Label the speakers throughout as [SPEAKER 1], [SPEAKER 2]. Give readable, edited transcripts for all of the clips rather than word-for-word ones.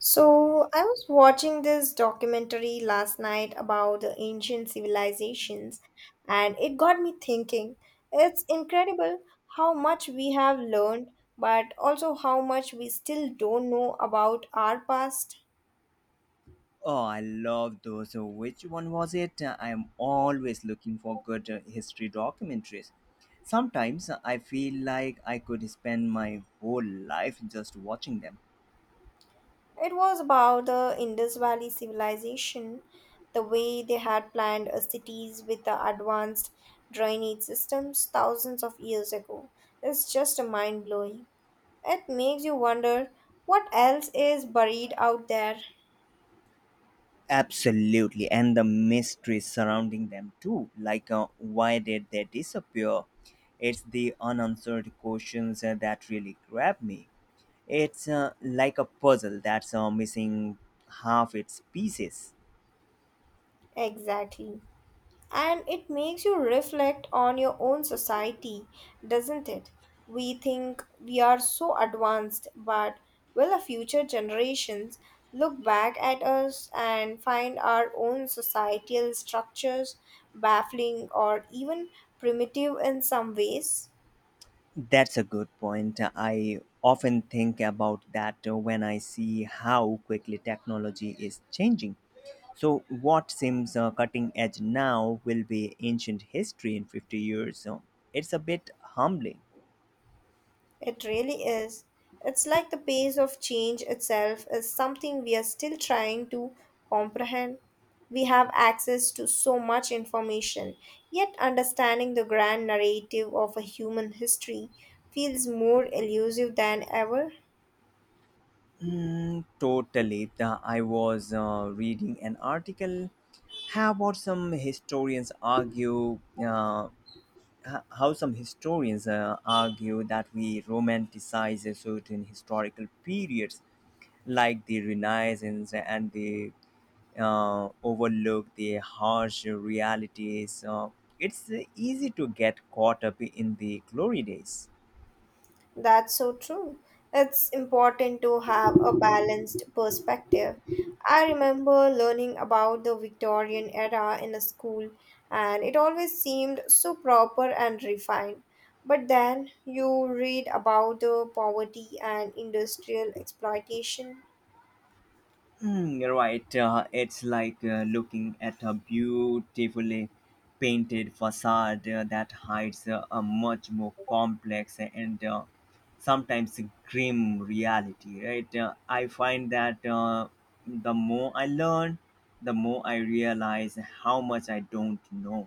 [SPEAKER 1] So, I was watching this documentary last night about the ancient civilizations, and it got me thinking. It's incredible how much we have learned, but also how much we still don't know about our past.
[SPEAKER 2] Oh, I love those. Which one was it? I am always looking for good history documentaries. Sometimes I feel like I could spend my whole life just watching them.
[SPEAKER 1] It was about the Indus Valley civilization, the way they had planned cities with the advanced drainage systems thousands of years ago. It's just mind blowing. It makes you wonder what else is buried out there.
[SPEAKER 2] Absolutely, and the mysteries surrounding them too. Why did they disappear? It's the unanswered questions that really grab me. It's like a puzzle that's missing half its pieces.
[SPEAKER 1] Exactly. And it makes you reflect on your own society, doesn't it? We think we are so advanced, but will the future generations look back at us and find our own societal structures baffling or even primitive in some ways?
[SPEAKER 2] That's a good point. I often think about that when I see how quickly technology is changing. So, what seems cutting edge now will be ancient history in 50 years. So it's a bit humbling.
[SPEAKER 1] It really is. It's like the pace of change itself is something we are still trying to comprehend. We have access to so much information, yet understanding the grand narrative of a human history feels more elusive than ever.
[SPEAKER 2] Mm, totally. I was reading an article how about some historians argue uh, how some historians argue that we romanticize a certain historical periods like the Renaissance and the overlook the harsh realities. It's easy to get caught up in the glory days.
[SPEAKER 1] That's so true. It's important to have a balanced perspective. I remember learning about the Victorian era in a school, and it always seemed so proper and refined. But then you read about the poverty and industrial exploitation.
[SPEAKER 2] Hmm, you're right. It's like looking at a beautifully painted facade that hides a much more complex and sometimes grim reality, right? I find that the more I learn, the more I realize how much I don't know.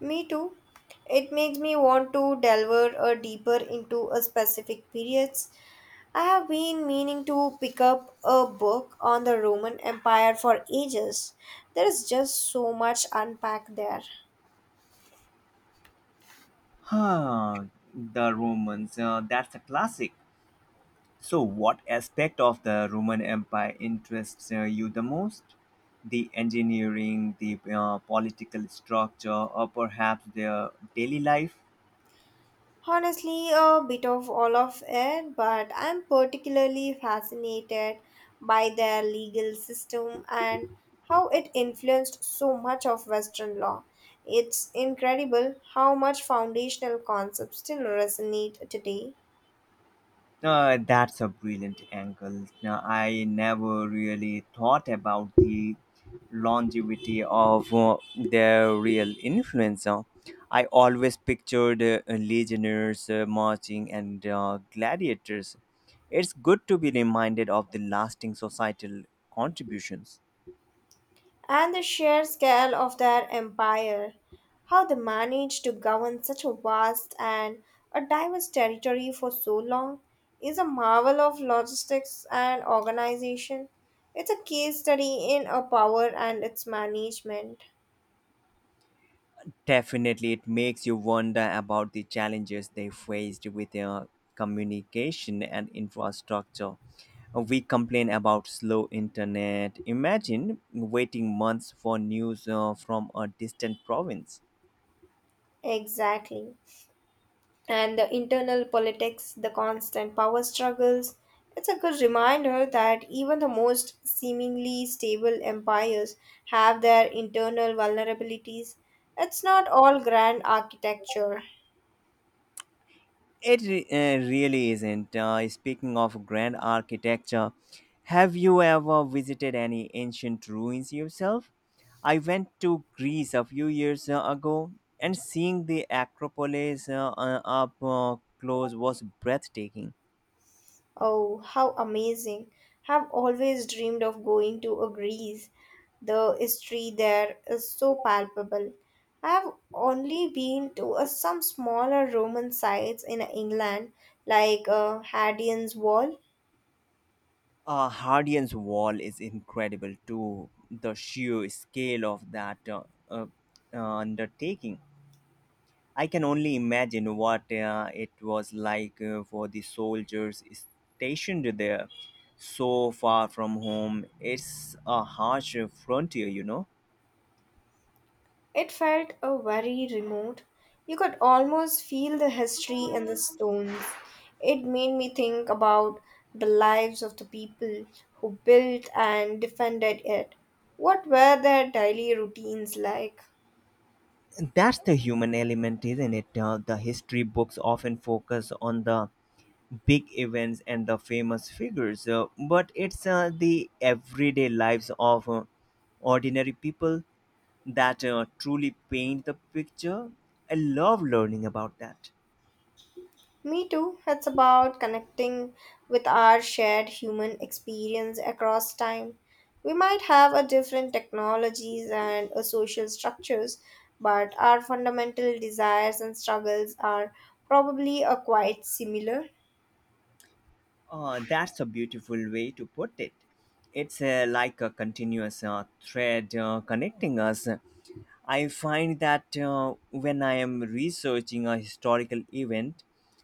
[SPEAKER 1] Me too. It makes me want to delve a deeper into a specific periods. I have been meaning to pick up a book on the Roman Empire for ages. There is just so much unpacked there.
[SPEAKER 2] Huh, the Romans, that's a classic. So, what aspect of the Roman Empire interests you the most? The engineering, the political structure, or perhaps their daily life?
[SPEAKER 1] Honestly, a bit of all of it, but I'm particularly fascinated by their legal system and how it influenced so much of Western law. It's incredible how much foundational concepts still resonate today.
[SPEAKER 2] That's a brilliant angle. Now, I never really thought about the longevity of the real influencer. I always pictured legionnaires marching and gladiators. It's good to be reminded of the lasting societal contributions.
[SPEAKER 1] And the sheer scale of their empire, how they managed to govern such a vast and a diverse territory for so long, is a marvel of logistics and organization. It's a case study in a power and its management.
[SPEAKER 2] Definitely, it makes you wonder about the challenges they faced with their communication and infrastructure. We complain about slow internet. Imagine waiting months for news from a distant province.
[SPEAKER 1] Exactly. And the internal politics, the constant power struggles. It's a good reminder that even the most seemingly stable empires have their internal vulnerabilities. It's not all grand architecture.
[SPEAKER 2] It really isn't. Speaking of grand architecture, have you ever visited any ancient ruins yourself? I went to Greece a few years ago, and seeing the Acropolis up close was breathtaking.
[SPEAKER 1] Oh, how amazing! Have always dreamed of going to a Greece. The history there is so palpable. I have only been to some smaller Roman sites in England, like Hadrian's Wall.
[SPEAKER 2] Hadrian's Wall is incredible too. The sheer scale of that uh, uh, undertaking. I can only imagine what it was like for the soldiers stationed there, so far from home. It's a harsh frontier, you know.
[SPEAKER 1] It felt a very remote. You could almost feel the history in the stones. It made me think about the lives of the people who built and defended it. What were their daily routines like?
[SPEAKER 2] That's the human element, isn't it? The history books often focus on the big events and the famous figures, but it's the everyday lives of ordinary people that truly paint the picture. I love learning about that.
[SPEAKER 1] Me too. It's about connecting with our shared human experience across time. We might have a different technologies and a social structures, but our fundamental desires and struggles are probably a quite similar.
[SPEAKER 2] That's a beautiful way to put it. It's like a continuous thread connecting us. I find that when I am researching a historical event,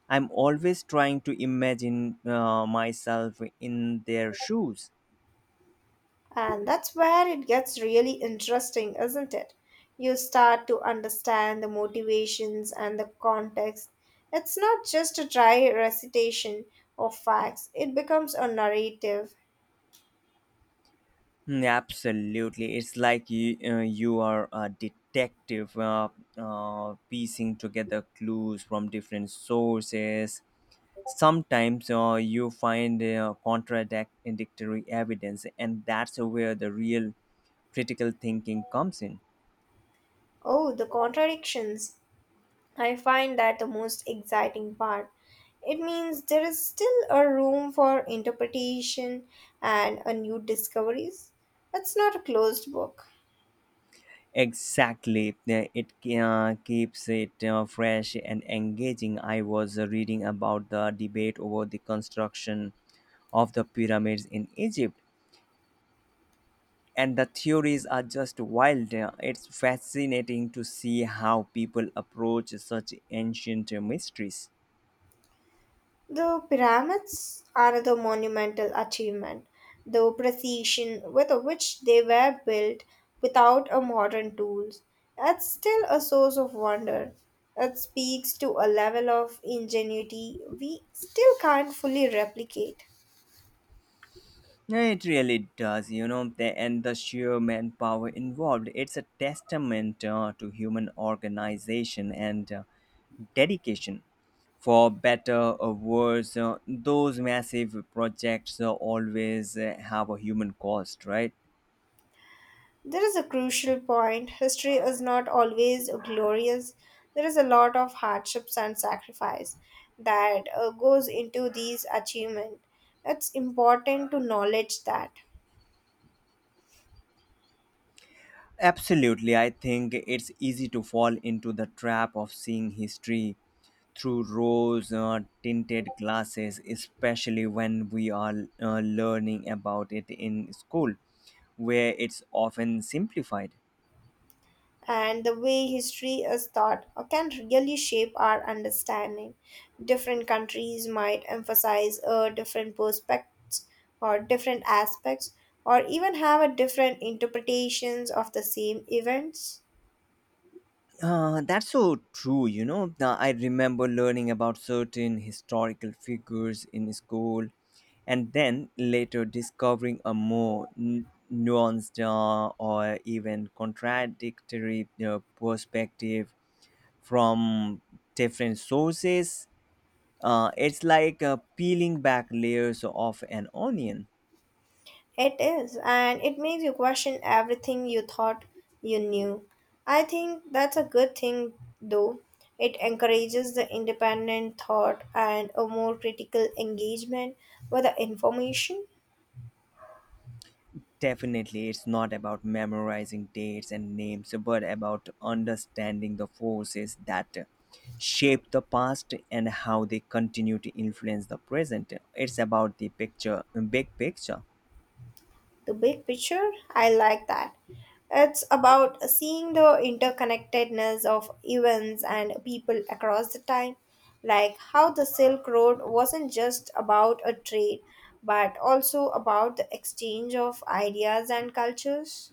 [SPEAKER 2] I'm always trying to imagine myself in their shoes.
[SPEAKER 1] And that's where it gets really interesting, isn't it? You start to understand the motivations and the context. It's not just a dry recitation of facts, it becomes a narrative.
[SPEAKER 2] Mm, absolutely. It's like you are a detective piecing together clues from different sources. Sometimes you find contradictory evidence, and that's where the real critical thinking comes in.
[SPEAKER 1] Oh, the contradictions. I find that the most exciting part. It means there is still a room for interpretation and a new discoveries. It's not a closed book.
[SPEAKER 2] Exactly. It keeps it fresh and engaging. I was reading about the debate over the construction of the pyramids in Egypt and the theories are just wild. It's fascinating to see how people approach such ancient mysteries.
[SPEAKER 1] The pyramids are another monumental achievement. The precision with which they were built without a modern tools. It's still a source of wonder. It speaks to a level of ingenuity we still can't fully replicate.
[SPEAKER 2] Yeah, it really does, you know, and the sheer manpower involved. It's a testament to human organization and dedication. For better or worse, those massive projects always have a human cost, right?
[SPEAKER 1] There is a crucial point. History is not always glorious. There is a lot of hardships and sacrifice that goes into these achievements. It's important to knowledge that.
[SPEAKER 2] Absolutely. I think it's easy to fall into the trap of seeing history through rose tinted glasses, especially when we are learning about it in school, where it's often simplified.
[SPEAKER 1] And the way history is taught can really shape our understanding. Different countries might emphasize different perspectives or different aspects or even have a different interpretations of the same events.
[SPEAKER 2] That's so true, you know. Now, I remember learning about certain historical figures in school and then later discovering a more nuanced or even contradictory perspective from different sources. It's like peeling back layers of an onion.
[SPEAKER 1] It is, and it makes you question everything you thought you knew. I think that's a good thing, though. It encourages the independent thought and a more critical engagement with the information.
[SPEAKER 2] Definitely, it's not about memorizing dates and names, but about understanding the forces that shape the past and how they continue to influence the present. It's about the picture, big picture.
[SPEAKER 1] The big picture, I like that. It's about seeing the interconnectedness of events and people across the time, like how the Silk Road wasn't just about a trade, but also about the exchange of ideas and cultures.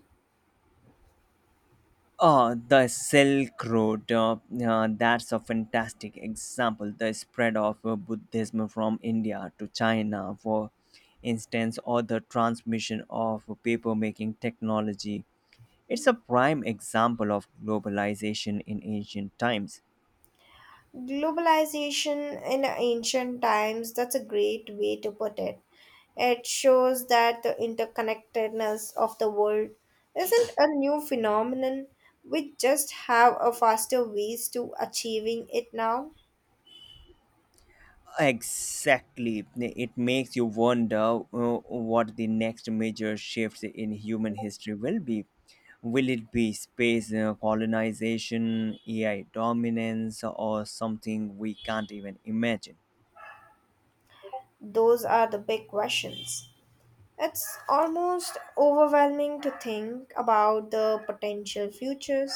[SPEAKER 2] Oh, the Silk Road. That's a fantastic example. The spread of Buddhism from India to China, for instance, or the transmission of papermaking technology. It's a prime example of globalization in ancient times.
[SPEAKER 1] Globalization in ancient times, that's a great way to put it. It shows that the interconnectedness of the world isn't a new phenomenon. We just have a faster ways to achieving it now.
[SPEAKER 2] Exactly. It makes you wonder what the next major shift in human history will be. Will it be space colonization, AI dominance, or something we can't even imagine?
[SPEAKER 1] Those are the big questions. It's almost overwhelming to think about the potential futures.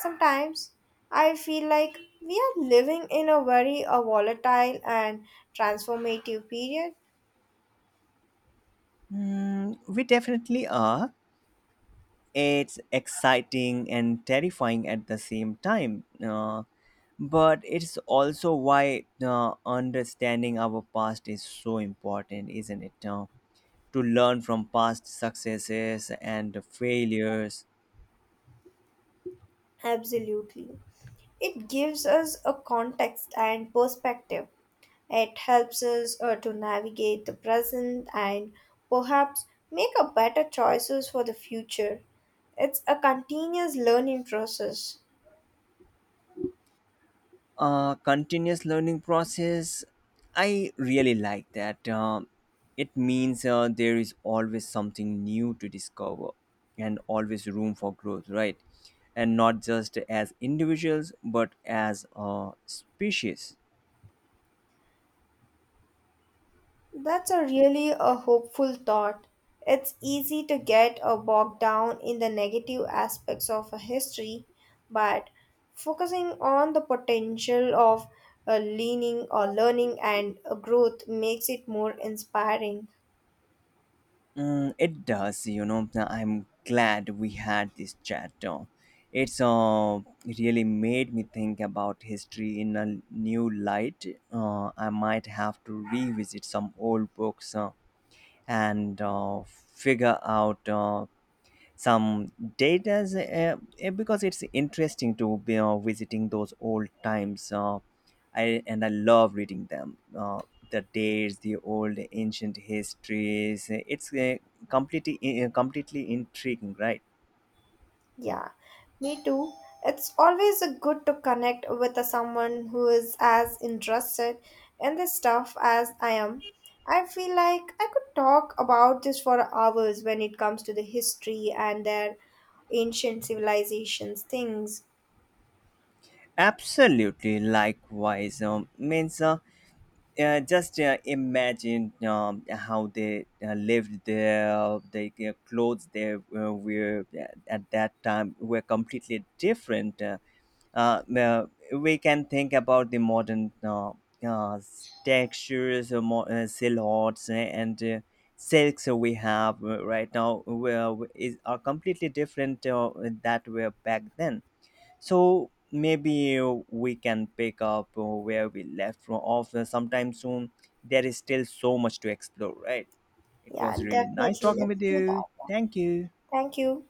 [SPEAKER 1] Sometimes I feel like we are living in a very volatile and transformative period.
[SPEAKER 2] Hmm, we definitely are. It's exciting and terrifying at the same time. But it's also why understanding our past is so important, isn't it? To learn from past successes and failures.
[SPEAKER 1] Absolutely. It gives us a context and perspective. It helps us to navigate the present and perhaps make a better choices for the future. It's a continuous learning process.
[SPEAKER 2] A continuous learning process, I really like that. It means there is always something new to discover and always room for growth, right? And not just as individuals, but as a species.
[SPEAKER 1] That's a really a hopeful thought. It's easy to get bogged down in the negative aspects of a history, but focusing on the potential of leaning or learning and growth makes it more inspiring.
[SPEAKER 2] Mm, it does, you know. I'm glad we had this chat, though. It's really made me think about history in a new light. I might have to revisit some old books and figure out some data, because it's interesting to be visiting those old times and I love reading them, the dates, the old ancient histories. It's completely intriguing, right?
[SPEAKER 1] Yeah, me too. It's always a good to connect with a someone who is as interested in this stuff as I am. I feel like I could talk about this for hours when it comes to the history and their ancient civilizations things.
[SPEAKER 2] Absolutely, likewise. Means just Imagine how they lived there. The clothes they were at that time were completely different. Uh, uh, we can think about the modern uh, textures, silhouettes, and silks we have right now are completely different that were back then. So maybe we can pick up where we left from off sometime soon. There is still so much to explore, right? It
[SPEAKER 1] Yeah,
[SPEAKER 2] was really nice
[SPEAKER 1] definitely.
[SPEAKER 2] talking
[SPEAKER 1] Let's
[SPEAKER 2] with
[SPEAKER 1] do
[SPEAKER 2] you.
[SPEAKER 1] that.
[SPEAKER 2] Thank you.
[SPEAKER 1] Thank you.